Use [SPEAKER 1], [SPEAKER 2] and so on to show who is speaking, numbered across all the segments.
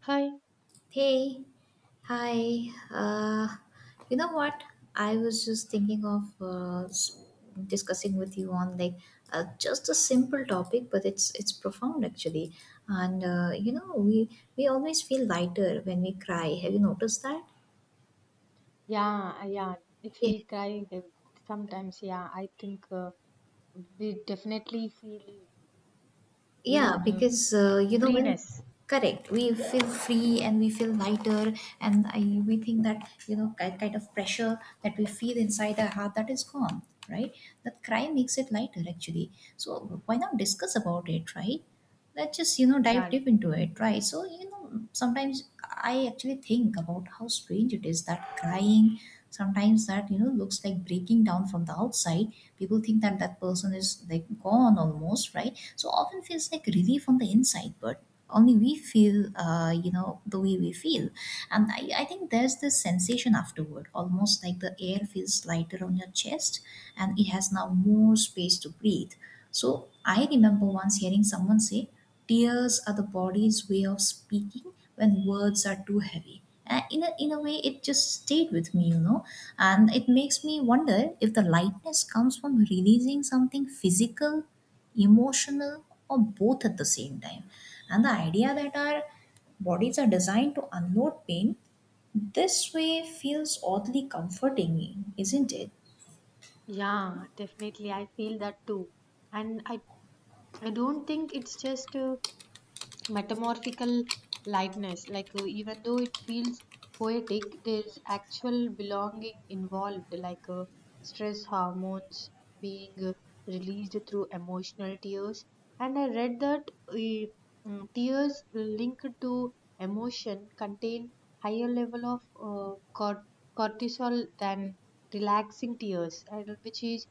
[SPEAKER 1] Hi.
[SPEAKER 2] Hey, hi. You know what? I was just thinking of discussing with you on just a simple topic, but it's profound actually. And we always feel lighter when we cry. Have you noticed that?
[SPEAKER 1] Yeah, yeah. If we cry sometimes, yeah, I think we definitely feel mm,
[SPEAKER 2] Yeah,
[SPEAKER 1] mm,
[SPEAKER 2] because you know when
[SPEAKER 1] freeness.
[SPEAKER 2] correct, we feel free and we feel lighter, and I we think that you know kind of pressure that we feel inside our heart that is gone, right? That cry makes it lighter actually. So why not discuss about it, right? Let's just you know dive
[SPEAKER 1] Yeah,
[SPEAKER 2] deep into it, right? So you know sometimes I actually think about how strange it is that crying sometimes that you know looks like breaking down from the outside, people think that that person is like gone almost, right? So often feels like relief on the inside, but only we feel you know the way we feel. And I think there's this sensation afterward, almost like the air feels lighter on your chest and it has now more space to breathe. So I remember once hearing someone say tears are the body's way of speaking when words are too heavy, and in a way it just stayed with me. And it makes me wonder if the lightness comes from releasing something physical, emotional, or both at the same time. And the idea that our bodies are designed to unload pain this way feels oddly comforting, isn't it?
[SPEAKER 1] yeah, definitely. I feel that too, and I don't think it's just metamorphical likeness. Like, even though it feels poetic, there's actual belonging involved, like stress hormones being released through emotional tears. And I read that tears linked to emotion contain higher level of cortisol than relaxing tears, and which is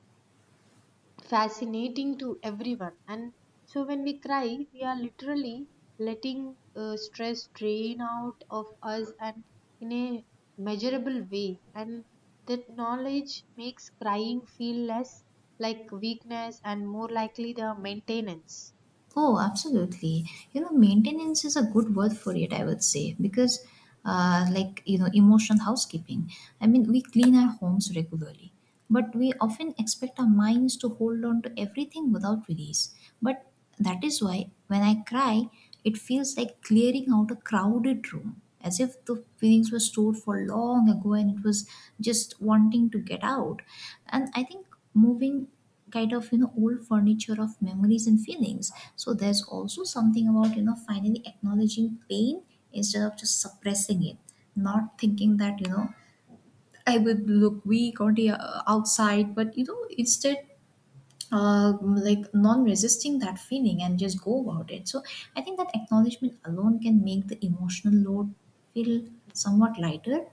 [SPEAKER 1] fascinating to everyone. And so when we cry, we are literally letting stress drain out of us and in a measurable way. And that knowledge makes crying feel less like weakness and more likely the maintenance.
[SPEAKER 2] Oh, absolutely. You know, maintenance is a good word for it, I would say, because, like, you know, emotional housekeeping. I mean, we clean our homes regularly, but we often expect our minds to hold on to everything without release. But that is why when I cry, it feels like clearing out a crowded room, as if the feelings were stored for long ago and it was just wanting to get out. And I think moving kind of you know old furniture of memories and feelings, so there's also something about you know finally acknowledging pain instead of just suppressing it, not thinking that you know I would look weak or the outside, but you know instead uh, like non-resisting that feeling and just go about it. So I think that acknowledgement alone can make the emotional load feel somewhat lighter.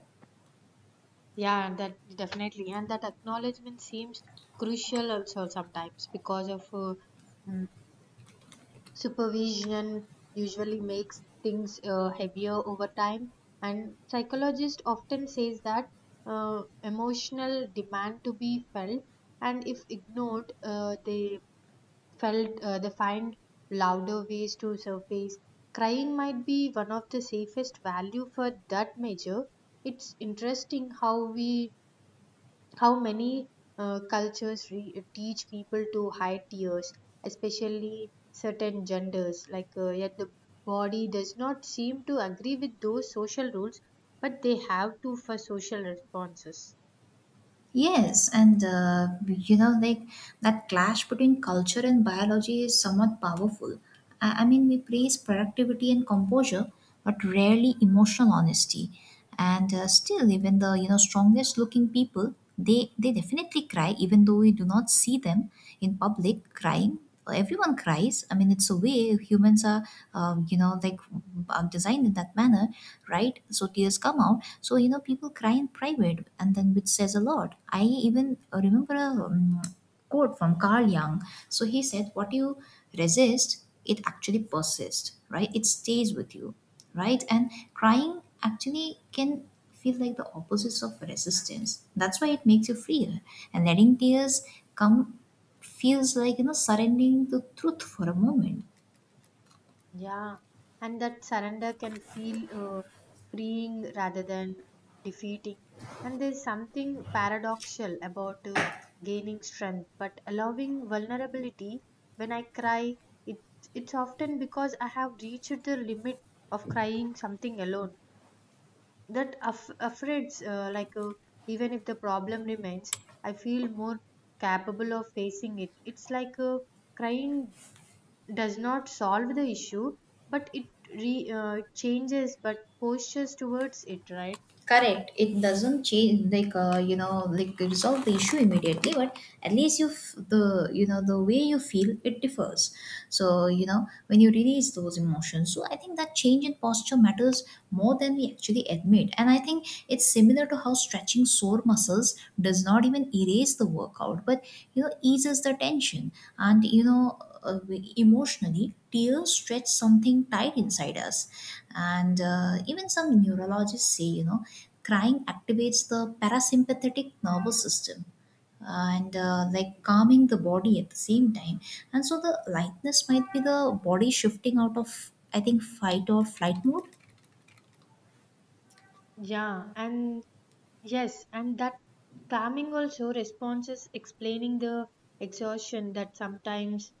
[SPEAKER 1] Yeah, that definitely. And that acknowledgement seems crucial also sometimes because of mm, supervision usually makes things heavier over time, and psychologist often says that emotional demand to be felt, and if ignored, they find louder ways to surface. Crying might be one of the safest value for that measure. It's interesting how we how many cultures teach people to hide tears, especially certain genders. Like, yet the body does not seem to agree with those social rules, but they have to for social responses.
[SPEAKER 2] Yes, and you know, like that clash between culture and biology is somewhat powerful. I mean, we praise productivity and composure, but rarely emotional honesty. And still, even the you know strongest looking people, they definitely cry, even though we do not see them in public crying. Everyone cries. I mean, it's a way humans are, you know, like designed in that manner, right? So tears come out. So you know people cry in private, and then which says a lot. I even remember a quote from Carl Jung. So he said, "What you resist, it actually persists, right? It stays with you, right?" And crying actually can feel like the opposites of resistance. That's why it makes you free. And letting tears come feels like you know surrendering to truth for a moment.
[SPEAKER 1] Yeah, and that surrender can feel uh, freeing rather than defeating. And there's something paradoxal about gaining strength, but allowing vulnerability. When I cry, it, it's often because I have reached the limit of crying something alone. That affords, like even if the problem remains, I feel more capable of facing it. It's like crying does not solve the issue, but it re changes but postures towards it, right?
[SPEAKER 2] Correct, it doesn't change like you know like resolve the issue immediately, but at least you the you know the way you feel it differs. So you know when you release those emotions, so I think that change in posture matters more than we actually admit. And I think it's similar to how stretching sore muscles does not even erase the workout, but you know eases the tension. And you know, uh, emotionally tears stretch something tight inside us. And even some neurologists say, you know, crying activates the parasympathetic nervous system and like calming the body at the same time. And so the lightness might be the body shifting out of, I think, fight or flight mode.
[SPEAKER 1] Yeah, and Yes, and that calming also responses explaining the exhaustion that sometimes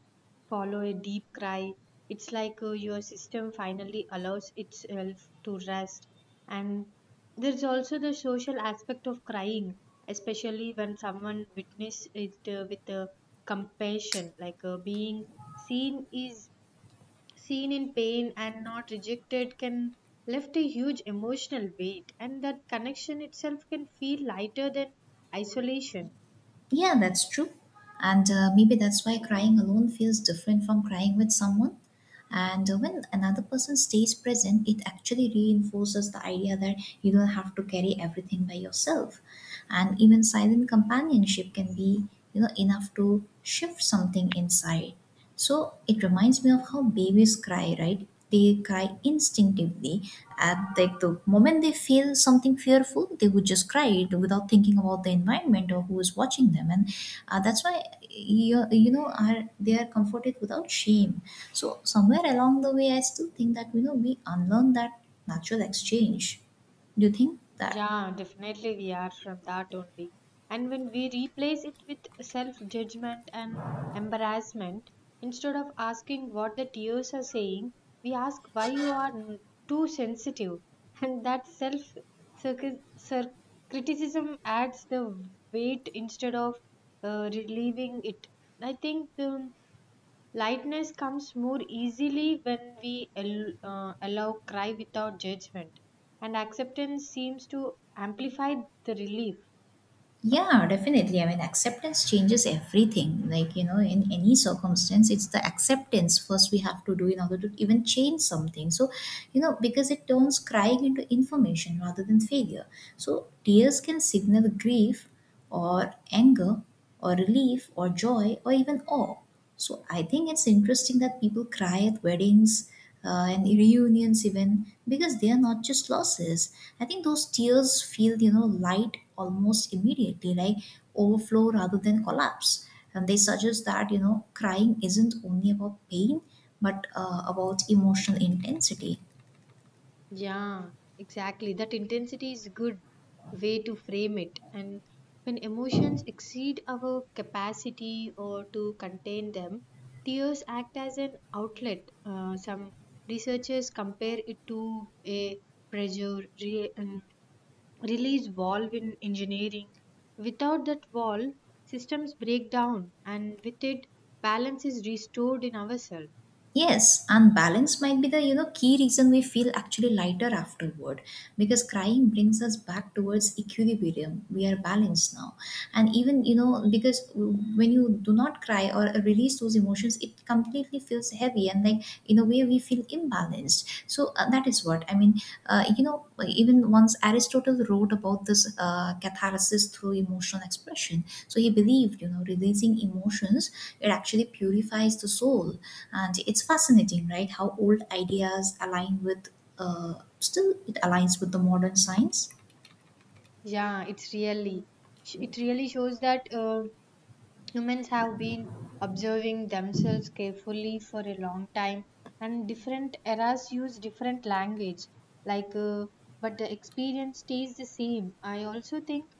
[SPEAKER 1] follow a deep cry. It's like your system finally allows itself to rest. And there's also the social aspect of crying, especially when someone witnesses it with compassion, like being seen is seen in pain and not rejected can lift a huge emotional weight, and that connection itself can feel lighter than isolation.
[SPEAKER 2] Yeah, that's true. And maybe that's why crying alone feels different from crying with someone. And when another person stays present, it actually reinforces the idea that you don't have to carry everything by yourself. And even silent companionship can be, you know, enough to shift something inside. So it reminds me of how babies cry, right? They cry instinctively at like the moment they feel something fearful, they would just cry it without thinking about the environment or who is watching them. And that's why you know are they are comforted without shame. So somewhere along the way I still think that you know we unlearn that natural exchange. Do you think that
[SPEAKER 1] Yeah, definitely we are from that only. And when we replace it with self judgment and embarrassment, instead of asking what the tears are saying, we ask why you are too sensitive. And that self circu- cir- criticism adds the weight instead of relieving it. I think lightness comes more easily when we allow cry without judgment, and acceptance seems to amplify the relief.
[SPEAKER 2] Yeah, definitely. I mean, acceptance changes everything. Like, you know, in any circumstance, it's the acceptance first we have to do in order to even change something. So, you know, because it turns crying into information rather than failure. So, tears can signal grief, or anger or relief or joy or even awe. So I think it's interesting that people cry at weddings and reunions even because they are not just losses. I think those tears feel you know light almost immediately, like overflow rather than collapse. And they suggest that you know crying isn't only about pain but about emotional intensity.
[SPEAKER 1] Yeah, exactly. That intensity is a good way to frame it. And when emotions exceed our capacity or to contain them, tears act as an outlet. Some researchers compare it to a pressure release valve in engineering. Without that valve, systems break down, and with it, balance is restored in ourselves.
[SPEAKER 2] Yes, and balance might be the you know key reason we feel actually lighter afterward because crying brings us back towards equilibrium. We are balanced now. And even you know because when you do not cry or release those emotions, it completely feels heavy and like in a way we feel imbalanced. So that is what I mean. You know, even once Aristotle wrote about this catharsis through emotional expression. So he believed you know releasing emotions, it actually purifies the soul. And it's fascinating, right, how old ideas align with, still it aligns with the modern science.
[SPEAKER 1] Yeah, it really shows that. Humans have been observing themselves carefully for a long time, and different eras use different language. Like, but the experience stays the same. I also think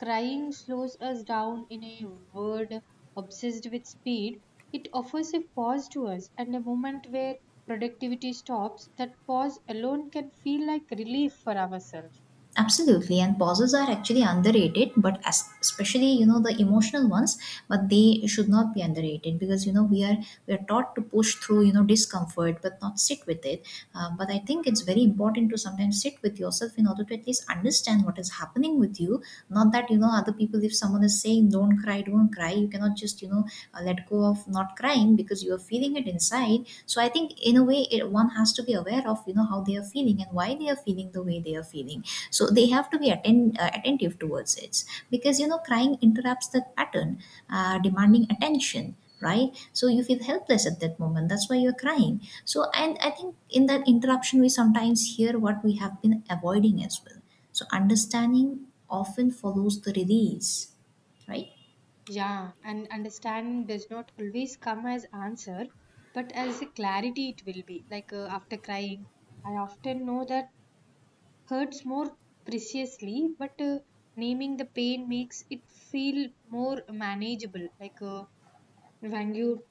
[SPEAKER 1] crying slows us down in a world obsessed with speed. It offers a pause to us and a moment where productivity stops. That pause alone can feel like relief for ourselves.
[SPEAKER 2] Absolutely, and pauses are actually underrated, but as, especially you know the emotional ones, but they should not be underrated because you know we are taught to push through you know discomfort but not sit with it. But I think it's very important to sometimes sit with yourself in order to at least understand what is happening with you. Not that you know other people, if someone is saying don't cry, you cannot just you know let go of not crying because you are feeling it inside. So I think in a way, it, one has to be aware of you know how they are feeling and why they are feeling the way they are feeling. So they have to be attentive towards it because you know crying interrupts that pattern, demanding attention, right? So you feel helpless at that moment, that's why you're crying. So and I think in that interruption we sometimes hear what we have been avoiding as well. So understanding often follows the release, right?
[SPEAKER 1] Yeah, and understanding does not always come as answer, but as a clarity it will be. Like after crying, I often know that hurts more preciously, but naming the pain makes it feel more manageable. Like when you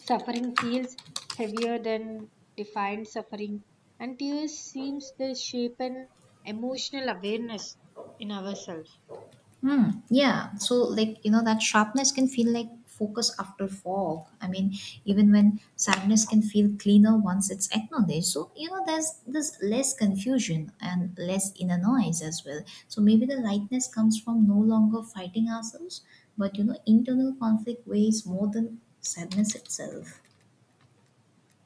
[SPEAKER 1] suffering feels heavier than defined suffering, and tears seems to shape an emotional awareness in ourselves.
[SPEAKER 2] Hmm. Yeah. So, like, you know, that sharpness can feel like focus after fog. I mean, even when sadness can feel cleaner once it's acknowledged. So, you know, there's less confusion and less inner noise as well. So maybe the lightness comes from no longer fighting ourselves, but you know, internal conflict weighs more than sadness itself.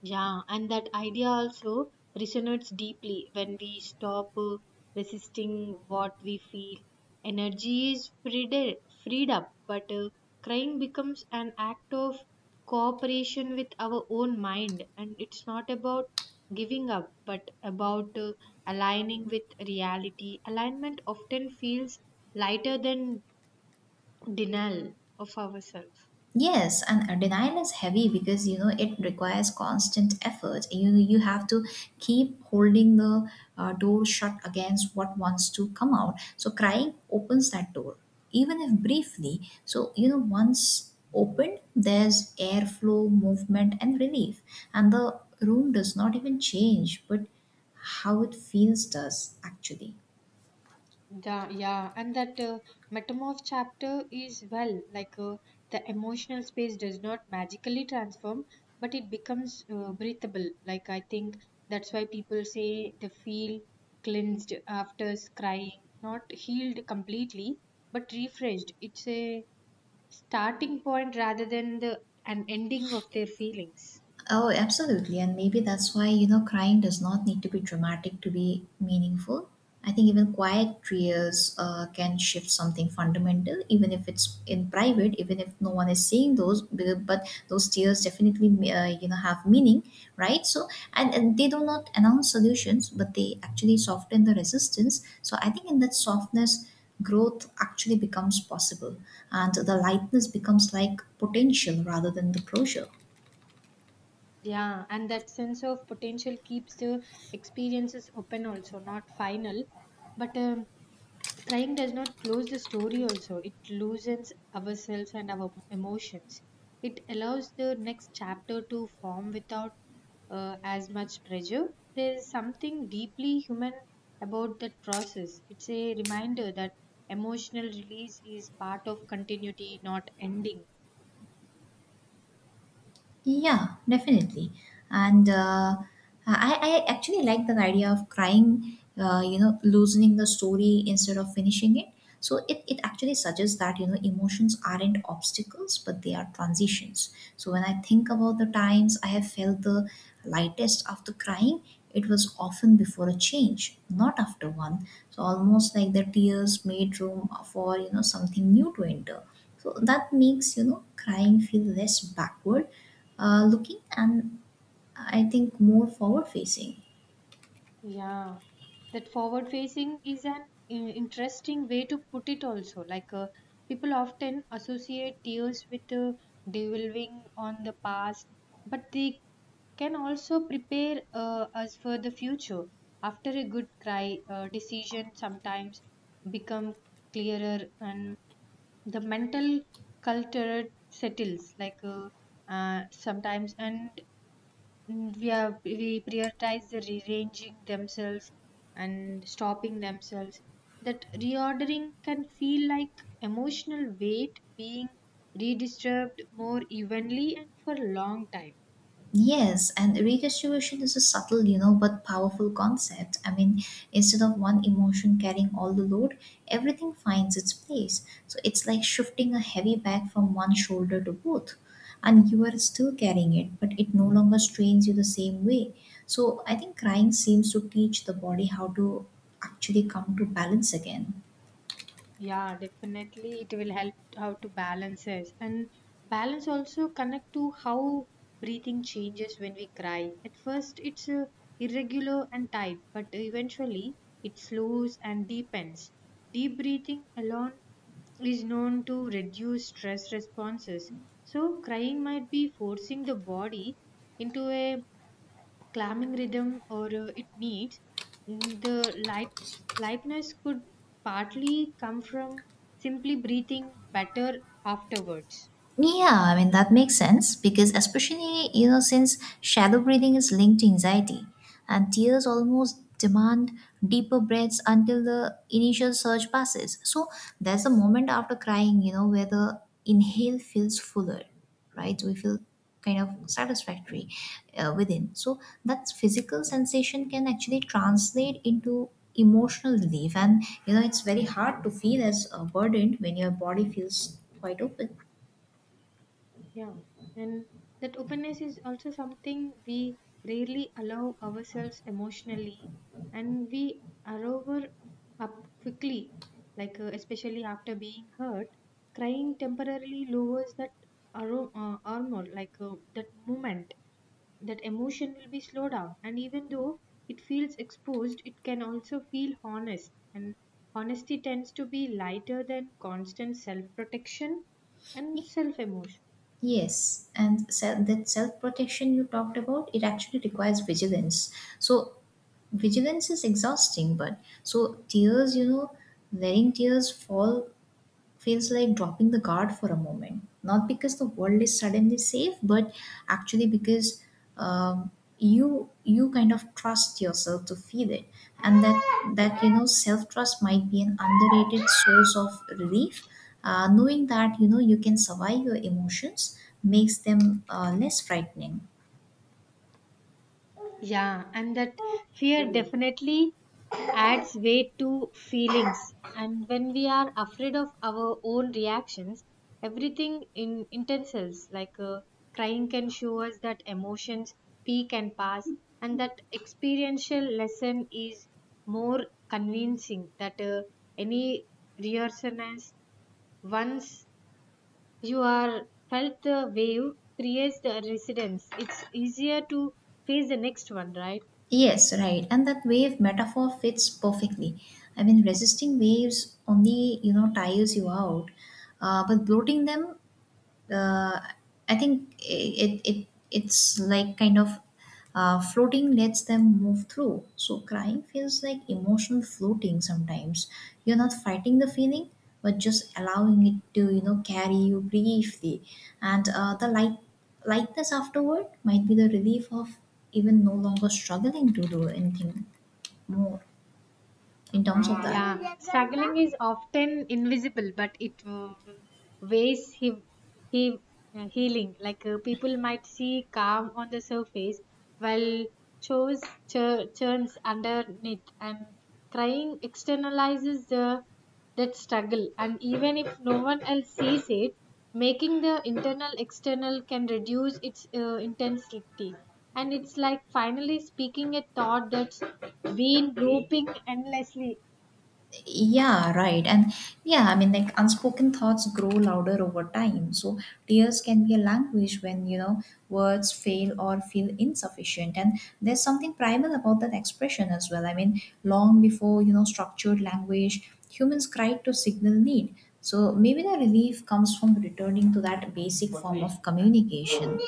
[SPEAKER 1] Yeah, and that idea also resonates deeply when we stop resisting what we feel. Energy is freed up, but crying becomes an act of cooperation with our own mind. And it's not about giving up, but about aligning with reality. Alignment often feels lighter than denial of ourselves.
[SPEAKER 2] Yes, and denial is heavy because you know it requires constant effort. You have to keep holding the door shut against what wants to come out. So crying opens that door, even if briefly. So you know once opened, there's airflow, movement, and relief, and the room does not even change, but how it feels does actually.
[SPEAKER 1] Yeah, and that metamorph chapter is well, like the emotional space does not magically transform, but it becomes breathable. Like I think that's why people say they feel cleansed after scrying, not healed completely, but refreshed. It's a starting point rather than the an ending of their feelings.
[SPEAKER 2] Oh, absolutely. And maybe that's why, you know, crying does not need to be dramatic to be meaningful. I think even quiet tears can shift something fundamental, even if it's in private, even if no one is seeing those, but those tears definitely, you know, have meaning, right? So, and they do not announce solutions, but they actually soften the resistance. So I think in that softness, growth actually becomes possible and the lightness becomes like potential rather than the closure.
[SPEAKER 1] Yeah, and that sense of potential keeps the experiences open also, not final, but crying does not close the story. Also, it loosens ourselves and our emotions. It allows the next chapter to form without as much pressure. There is something deeply human about that process. It's a reminder that emotional release is part of continuity, not ending.
[SPEAKER 2] Yeah, definitely. And I actually like the idea of crying, you know, loosening the story instead of finishing it. So it actually suggests that, you know, emotions aren't obstacles, but they are transitions. So when I think about the times I have felt the lightest after crying, it was often before a change, not after one. So almost like the tears made room for, you know, something new to enter. So that makes, you know, crying feel less backward looking and I think more forward facing.
[SPEAKER 1] Yeah, that forward facing is an interesting way to put it also. Like people often associate tears with dwelling on the past, but they can also prepare us for the future. After a good cry, decision sometimes become clearer, and the mental culture settles. Like sometimes, and we are we prioritize the rearranging themselves and stopping themselves. That reordering can feel like emotional weight being redistributed more evenly and for a long time.
[SPEAKER 2] Yes, and redistribution is a subtle, you know, but powerful concept. I mean, instead of one emotion carrying all the load, everything finds its place. So it's like shifting a heavy bag from one shoulder to both. And you are still carrying it, but it no longer strains you the same way. So I think crying seems to teach the body how to actually come to balance again.
[SPEAKER 1] Yeah, definitely, it will help how to balance us, and balance also connect to how breathing changes when we cry. At first it's irregular and tight, but eventually it slows and deepens. Deep breathing alone is known to reduce stress responses. So, crying might be forcing the body into a calming rhythm or it needs. The lightness could partly come from simply breathing better afterwards.
[SPEAKER 2] Yeah, I mean, that makes sense because, especially, you know, since shadow breathing is linked to anxiety, and tears almost demand deeper breaths until the initial surge passes. So there's a moment after crying, you know, where the inhale feels fuller, right? We feel kind of satisfactory within. So that physical sensation can actually translate into emotional relief, and, you know, it's very hard to feel as burdened when your body feels quite open.
[SPEAKER 1] Yeah, and that openness is also something we rarely allow ourselves emotionally, and we are over up quickly, like especially after being hurt, crying temporarily lowers that armor, like that moment, that emotion will be slowed down, and even though it feels exposed, it can also feel honest, and honesty tends to be lighter than constant self protection
[SPEAKER 2] Yeah.
[SPEAKER 1] and self emotion.
[SPEAKER 2] Yes, and self, that self protection you talked about, it actually requires vigilance. So vigilance is exhausting, but so tears, you know, letting tears fall feels like dropping the guard for a moment, not because the world is suddenly safe, but actually because um, you kind of trust yourself to feel it, and that you know self trust might be an underrated source of relief, knowing that you know you can survive your emotions, makes them less frightening.
[SPEAKER 1] Yeah, and that fear definitely adds weight to feelings. And when we are afraid of our own reactions, everything in intenses like crying can show us that emotions peak and pass, and that experiential lesson is more convincing that any reassurance once you are felt the wave creates the residence. It's easier to face the next one, right?
[SPEAKER 2] Yes, right. And that wave metaphor fits perfectly. I mean, resisting waves only, you know, tires you out. But bloating them, uh, I think it's like kind of floating lets them move through. So crying feels like emotional floating sometimes. You're not fighting the feeling, but just allowing it to you know carry you briefly. And the light lightness afterward might be the relief of even no longer struggling to do anything more in terms of that.
[SPEAKER 1] Yeah, struggling is often invisible, but it weighs he, he, healing. Like people might see calm on the surface, while chose churns underneath, and crying externalizes the that struggle. And even if no one else sees it, making the internal external can reduce its intensity. And it's like finally speaking a thought that's been looping endlessly.
[SPEAKER 2] Yeah, right. And yeah, I mean, like unspoken thoughts grow louder over time. So tears can be a language when, you know, words fail or feel insufficient. And there's something primal about that expression as well. I mean, long before, you know, structured language, humans cried to signal need. So maybe the relief comes from returning to that basic form of communication.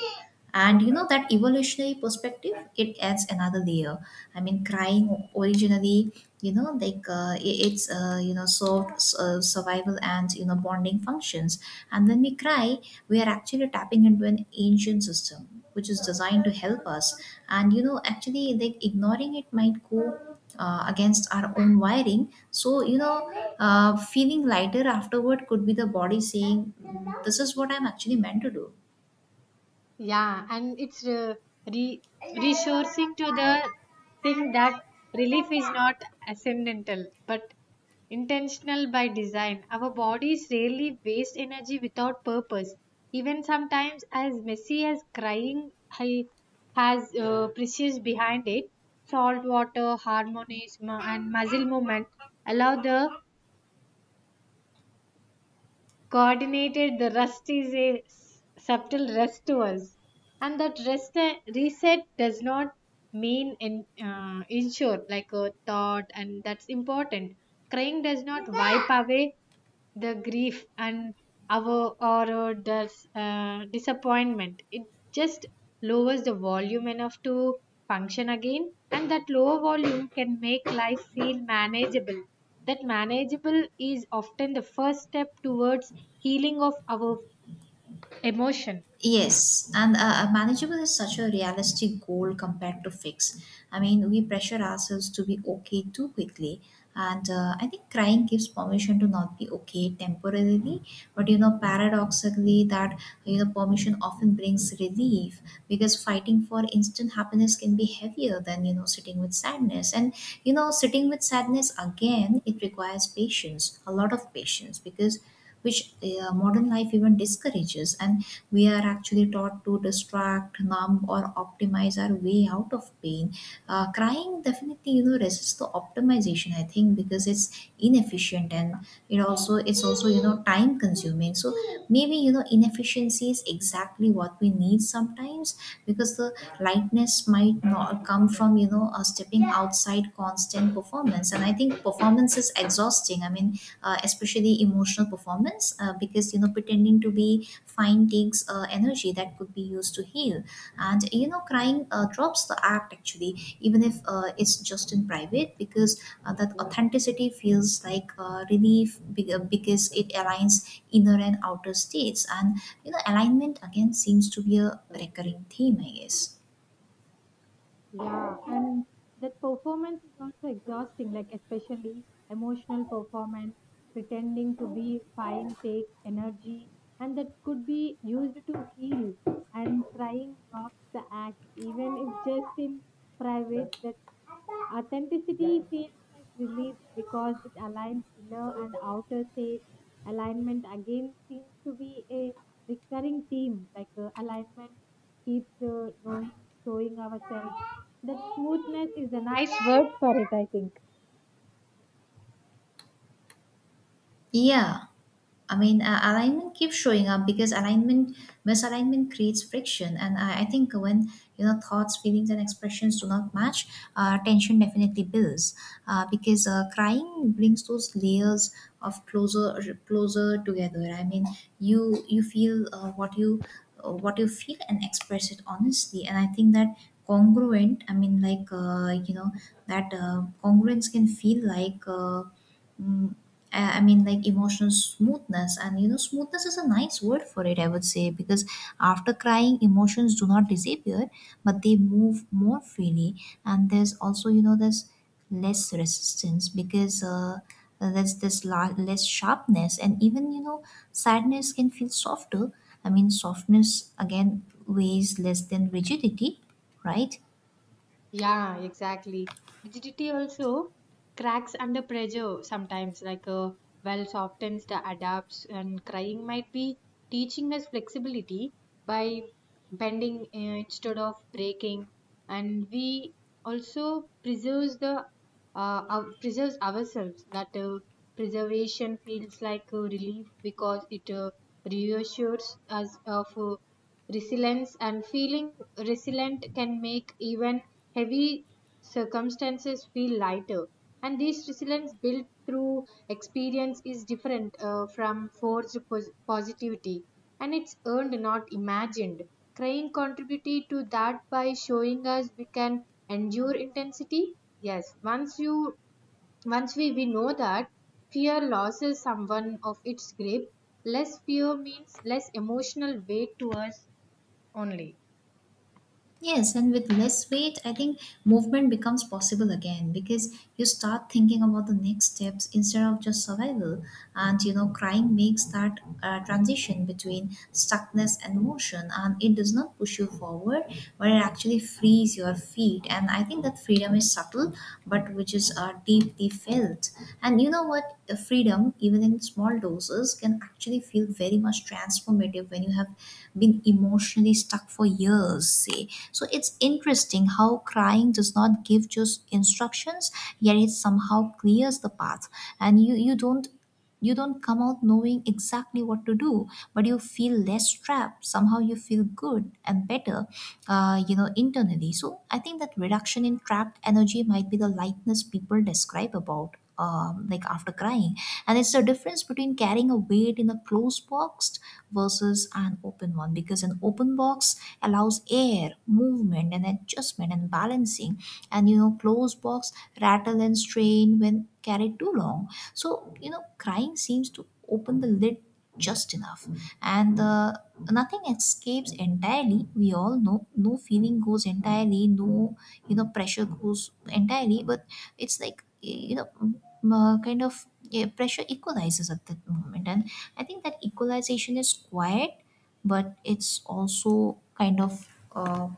[SPEAKER 2] And you know that evolutionary perspective, it adds another layer. I mean, crying originally, you know, like I- it's you know, solved survival and you know bonding functions. And when we cry, we are actually tapping into an ancient system which is designed to help us. And you know, actually, like ignoring it might go against our own wiring. So you know, feeling lighter afterward could be the body saying, "Mm, this is what I'm actually meant to do."
[SPEAKER 1] Yeah, and it's re- resourcing to the thing that relief is not accidental but intentional by design. Our bodies rarely waste energy without purpose. Even sometimes, as messy as crying has precious behind it, salt water, harmonies, and muscle movement allow the coordinated the rest is a subtle rest to us, and that rest reset does not mean insure like a thought, and that's important. Crying does not wipe away the grief and our or disappointment. It just lowers the volume enough to function again, and that lower volume can make life feel manageable. That manageable is often the first step towards healing of our emotion.
[SPEAKER 2] Yes, and manageable is such a realistic goal compared to fix. I mean, we pressure ourselves to be okay too quickly, and I think crying gives permission to not be okay temporarily. But you know, paradoxically, that you know, permission often brings relief, because fighting for instant happiness can be heavier than you know sitting with sadness. And you know, sitting with sadness again, it requires patience, a lot of patience, because which modern life even discourages. And we are actually taught to distract, numb, or optimize our way out of pain. Crying definitely, you know, resists the optimization, I think, because it's inefficient, and it also, it's also, you know, time consuming. So maybe you know inefficiency is exactly what we need sometimes, because the lightness might not come from, you know, stepping outside constant performance. And I think performance is exhausting. I mean, especially emotional performance, because you know pretending to be fine takes energy that could be used to heal. And you know crying drops the act actually, even if it's just in private, because that authenticity feels like relief because it aligns inner and outer states. And you know alignment again seems to be a recurring theme, I guess.
[SPEAKER 1] Yeah, and that performance is also exhausting, like especially emotional performance, pretending to be fine takes energy, and that could be used to heal. And crying drops the act, even if just in private. That authenticity feels like relief because it aligns inner and outer states. Alignment again seems to be a recurring theme, like alignment keeps knowing, showing ourselves that smoothness is a nice word for it, I think.
[SPEAKER 2] Yeah. I mean, alignment keeps showing up because alignment, misalignment creates friction. And I think when, you know, thoughts, feelings, and expressions do not match, tension definitely builds, because crying brings those layers of closer, closer together. I mean, you feel what you feel and express it honestly. And I think that congruent, I mean, like, you know, that congruence can feel like, Mm, I mean, like emotional smoothness, and you know, smoothness is a nice word for it, I would say, because after crying, emotions do not disappear, but they move more freely, and there's also, you know, there's less resistance, because there's this less sharpness, and even you know, sadness can feel softer. I mean, softness again weighs less than rigidity, right?
[SPEAKER 1] Yeah, exactly. Rigidity also cracks under pressure sometimes, like a well softens the adapts, and crying might be teaching us flexibility by bending instead of breaking, and we also preserves the our, preserves ourselves. That preservation feels like a relief because it reassures us of resilience, and feeling resilient can make even heavy circumstances feel lighter. And this resilience built through experience is different from forced positivity, and it's earned not imagined. Crane contributed to that by showing us we can endure intensity. Yes, once we know that fear loses someone of its grip, less fear means less emotional weight to us only.
[SPEAKER 2] Yes, and with less weight, I think movement becomes possible again, because you start thinking about the next steps instead of just survival. And you know, crying makes that transition between stuckness and motion, and it does not push you forward, but it actually frees your feet. And I think that freedom is subtle but which is are deeply felt. And you know what? The freedom, even in small doses, can actually feel very much transformative when you have been emotionally stuck for years, say. So it's interesting how crying does not give just instructions, yet it somehow clears the path. And you you don't come out knowing exactly what to do, but you feel less trapped. Somehow you feel good and better, you know, internally. So I think that reduction in trapped energy might be the lightness people describe about. Like after crying, and it's the difference between carrying a weight in a closed box versus an open one, because an open box allows air, movement, and adjustment and balancing, and you know close box rattle and strain when carried too long. So you know crying seems to open the lid just enough, and nothing escapes entirely. We all know no feeling goes entirely, no you know pressure goes entirely, but it's like you know kind of yeah, pressure equalizes at that moment. And I think that equalization is quiet, but it's also kind of uh,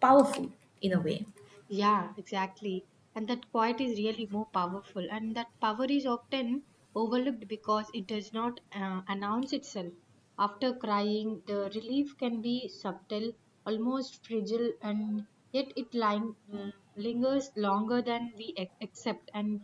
[SPEAKER 2] powerful in a way.
[SPEAKER 1] Yeah, exactly. And that quiet is really more powerful, and that power is often overlooked because it does not announce itself. After crying, the relief can be subtle, almost fragile, and yet it lingers longer than we accept. And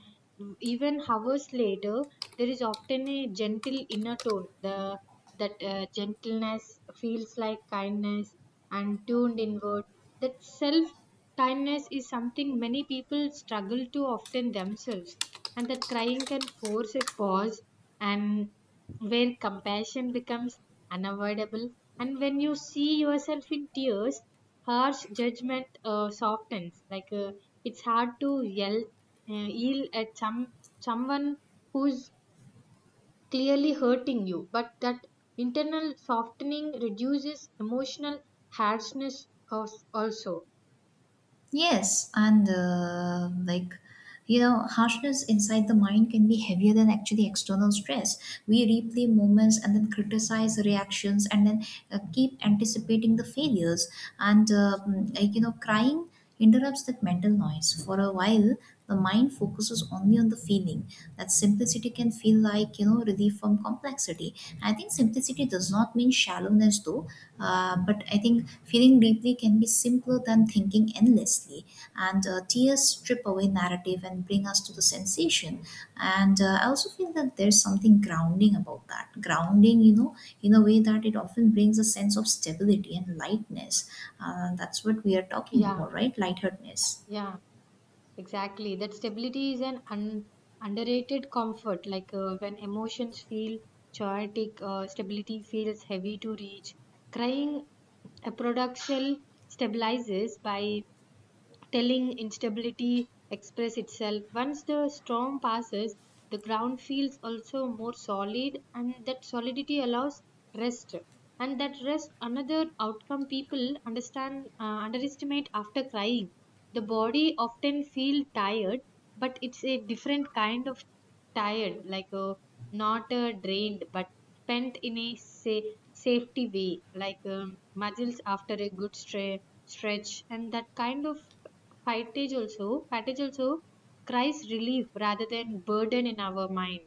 [SPEAKER 1] even hours later, there is often a gentle inner tone. The that gentleness feels like kindness and tuned inward. That self kindness is something many people struggle to often themselves, and that crying can force a pause and where compassion becomes unavoidable. And when you see yourself in tears, harsh judgment softens. Like it's hard to yell, uh, yell at some someone who's clearly hurting you, but that internal softening reduces emotional harshness of also.
[SPEAKER 2] Yes, and like you know, harshness inside the mind can be heavier than actually external stress. We replay moments and then criticize reactions, and then keep anticipating the failures. And you know, crying interrupts that mental noise. For a while, the mind focuses only on the feeling. That simplicity can feel like you know relief from complexity. I think simplicity does not mean shallowness, though, but I think feeling deeply can be simpler than thinking endlessly. And tears strip away narrative and bring us to the sensation. And I also feel that there's something grounding about that. Grounding, you know, in a way that it often brings a sense of stability and lightness. That's what we are talking
[SPEAKER 1] Yeah,
[SPEAKER 2] about, right? Lightheartedness.
[SPEAKER 1] yeah. Exactly. That stability is an underrated comfort. Like when emotions feel chaotic, stability feels heavy to reach. Crying a product shell stabilizes by telling instability express itself. Once the storm passes, the ground feels also more solid, and that solidity allows rest. And that rest, another outcome people understand underestimate after crying. The body often feel tired, but it's a different kind of tired, like a not drained, but spent in a safety way, like muscles after a good stretch, and that kind of fatigue also cries relief rather than burden in our mind.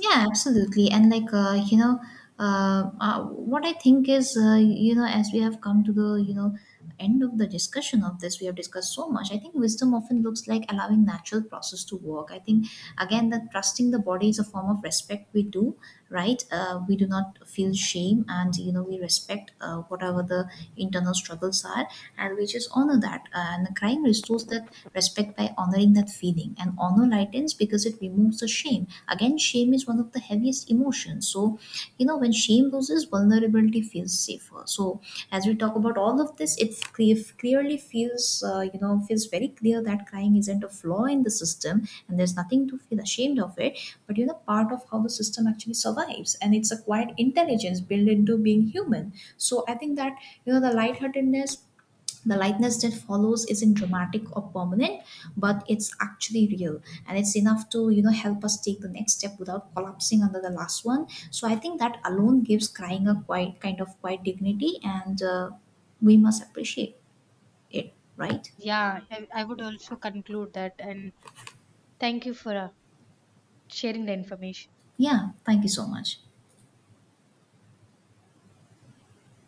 [SPEAKER 2] Yeah, absolutely. And like you know, what I think is, you know, as we have come to the you know end of the discussion of this, we have discussed so much. I think wisdom often looks like allowing natural process to work. I think again that trusting the body is a form of respect we do, right? We do not feel shame, and you know we respect whatever the internal struggles are, and we just honor that. And crying restores that respect by honoring that feeling, and honor lightens because it removes the shame. Again, shame is one of the heaviest emotions, so you know when shame loses, vulnerability feels safer. So as we talk about all of this, it clearly feels you know feels very clear that crying isn't a flaw in the system, and there's nothing to feel ashamed of it, but you know part of how the system actually survives, and it's a quiet intelligence built into being human. So I think that you know the lightheartedness, the lightness that follows isn't dramatic or permanent, but it's actually real, and it's enough to you know help us take the next step without collapsing under the last one. So I think that alone gives crying a quite kind of quite dignity, and we must appreciate it, right?
[SPEAKER 1] Yeah, I would also conclude that. And thank you for sharing the information.
[SPEAKER 2] Yeah, thank you so much.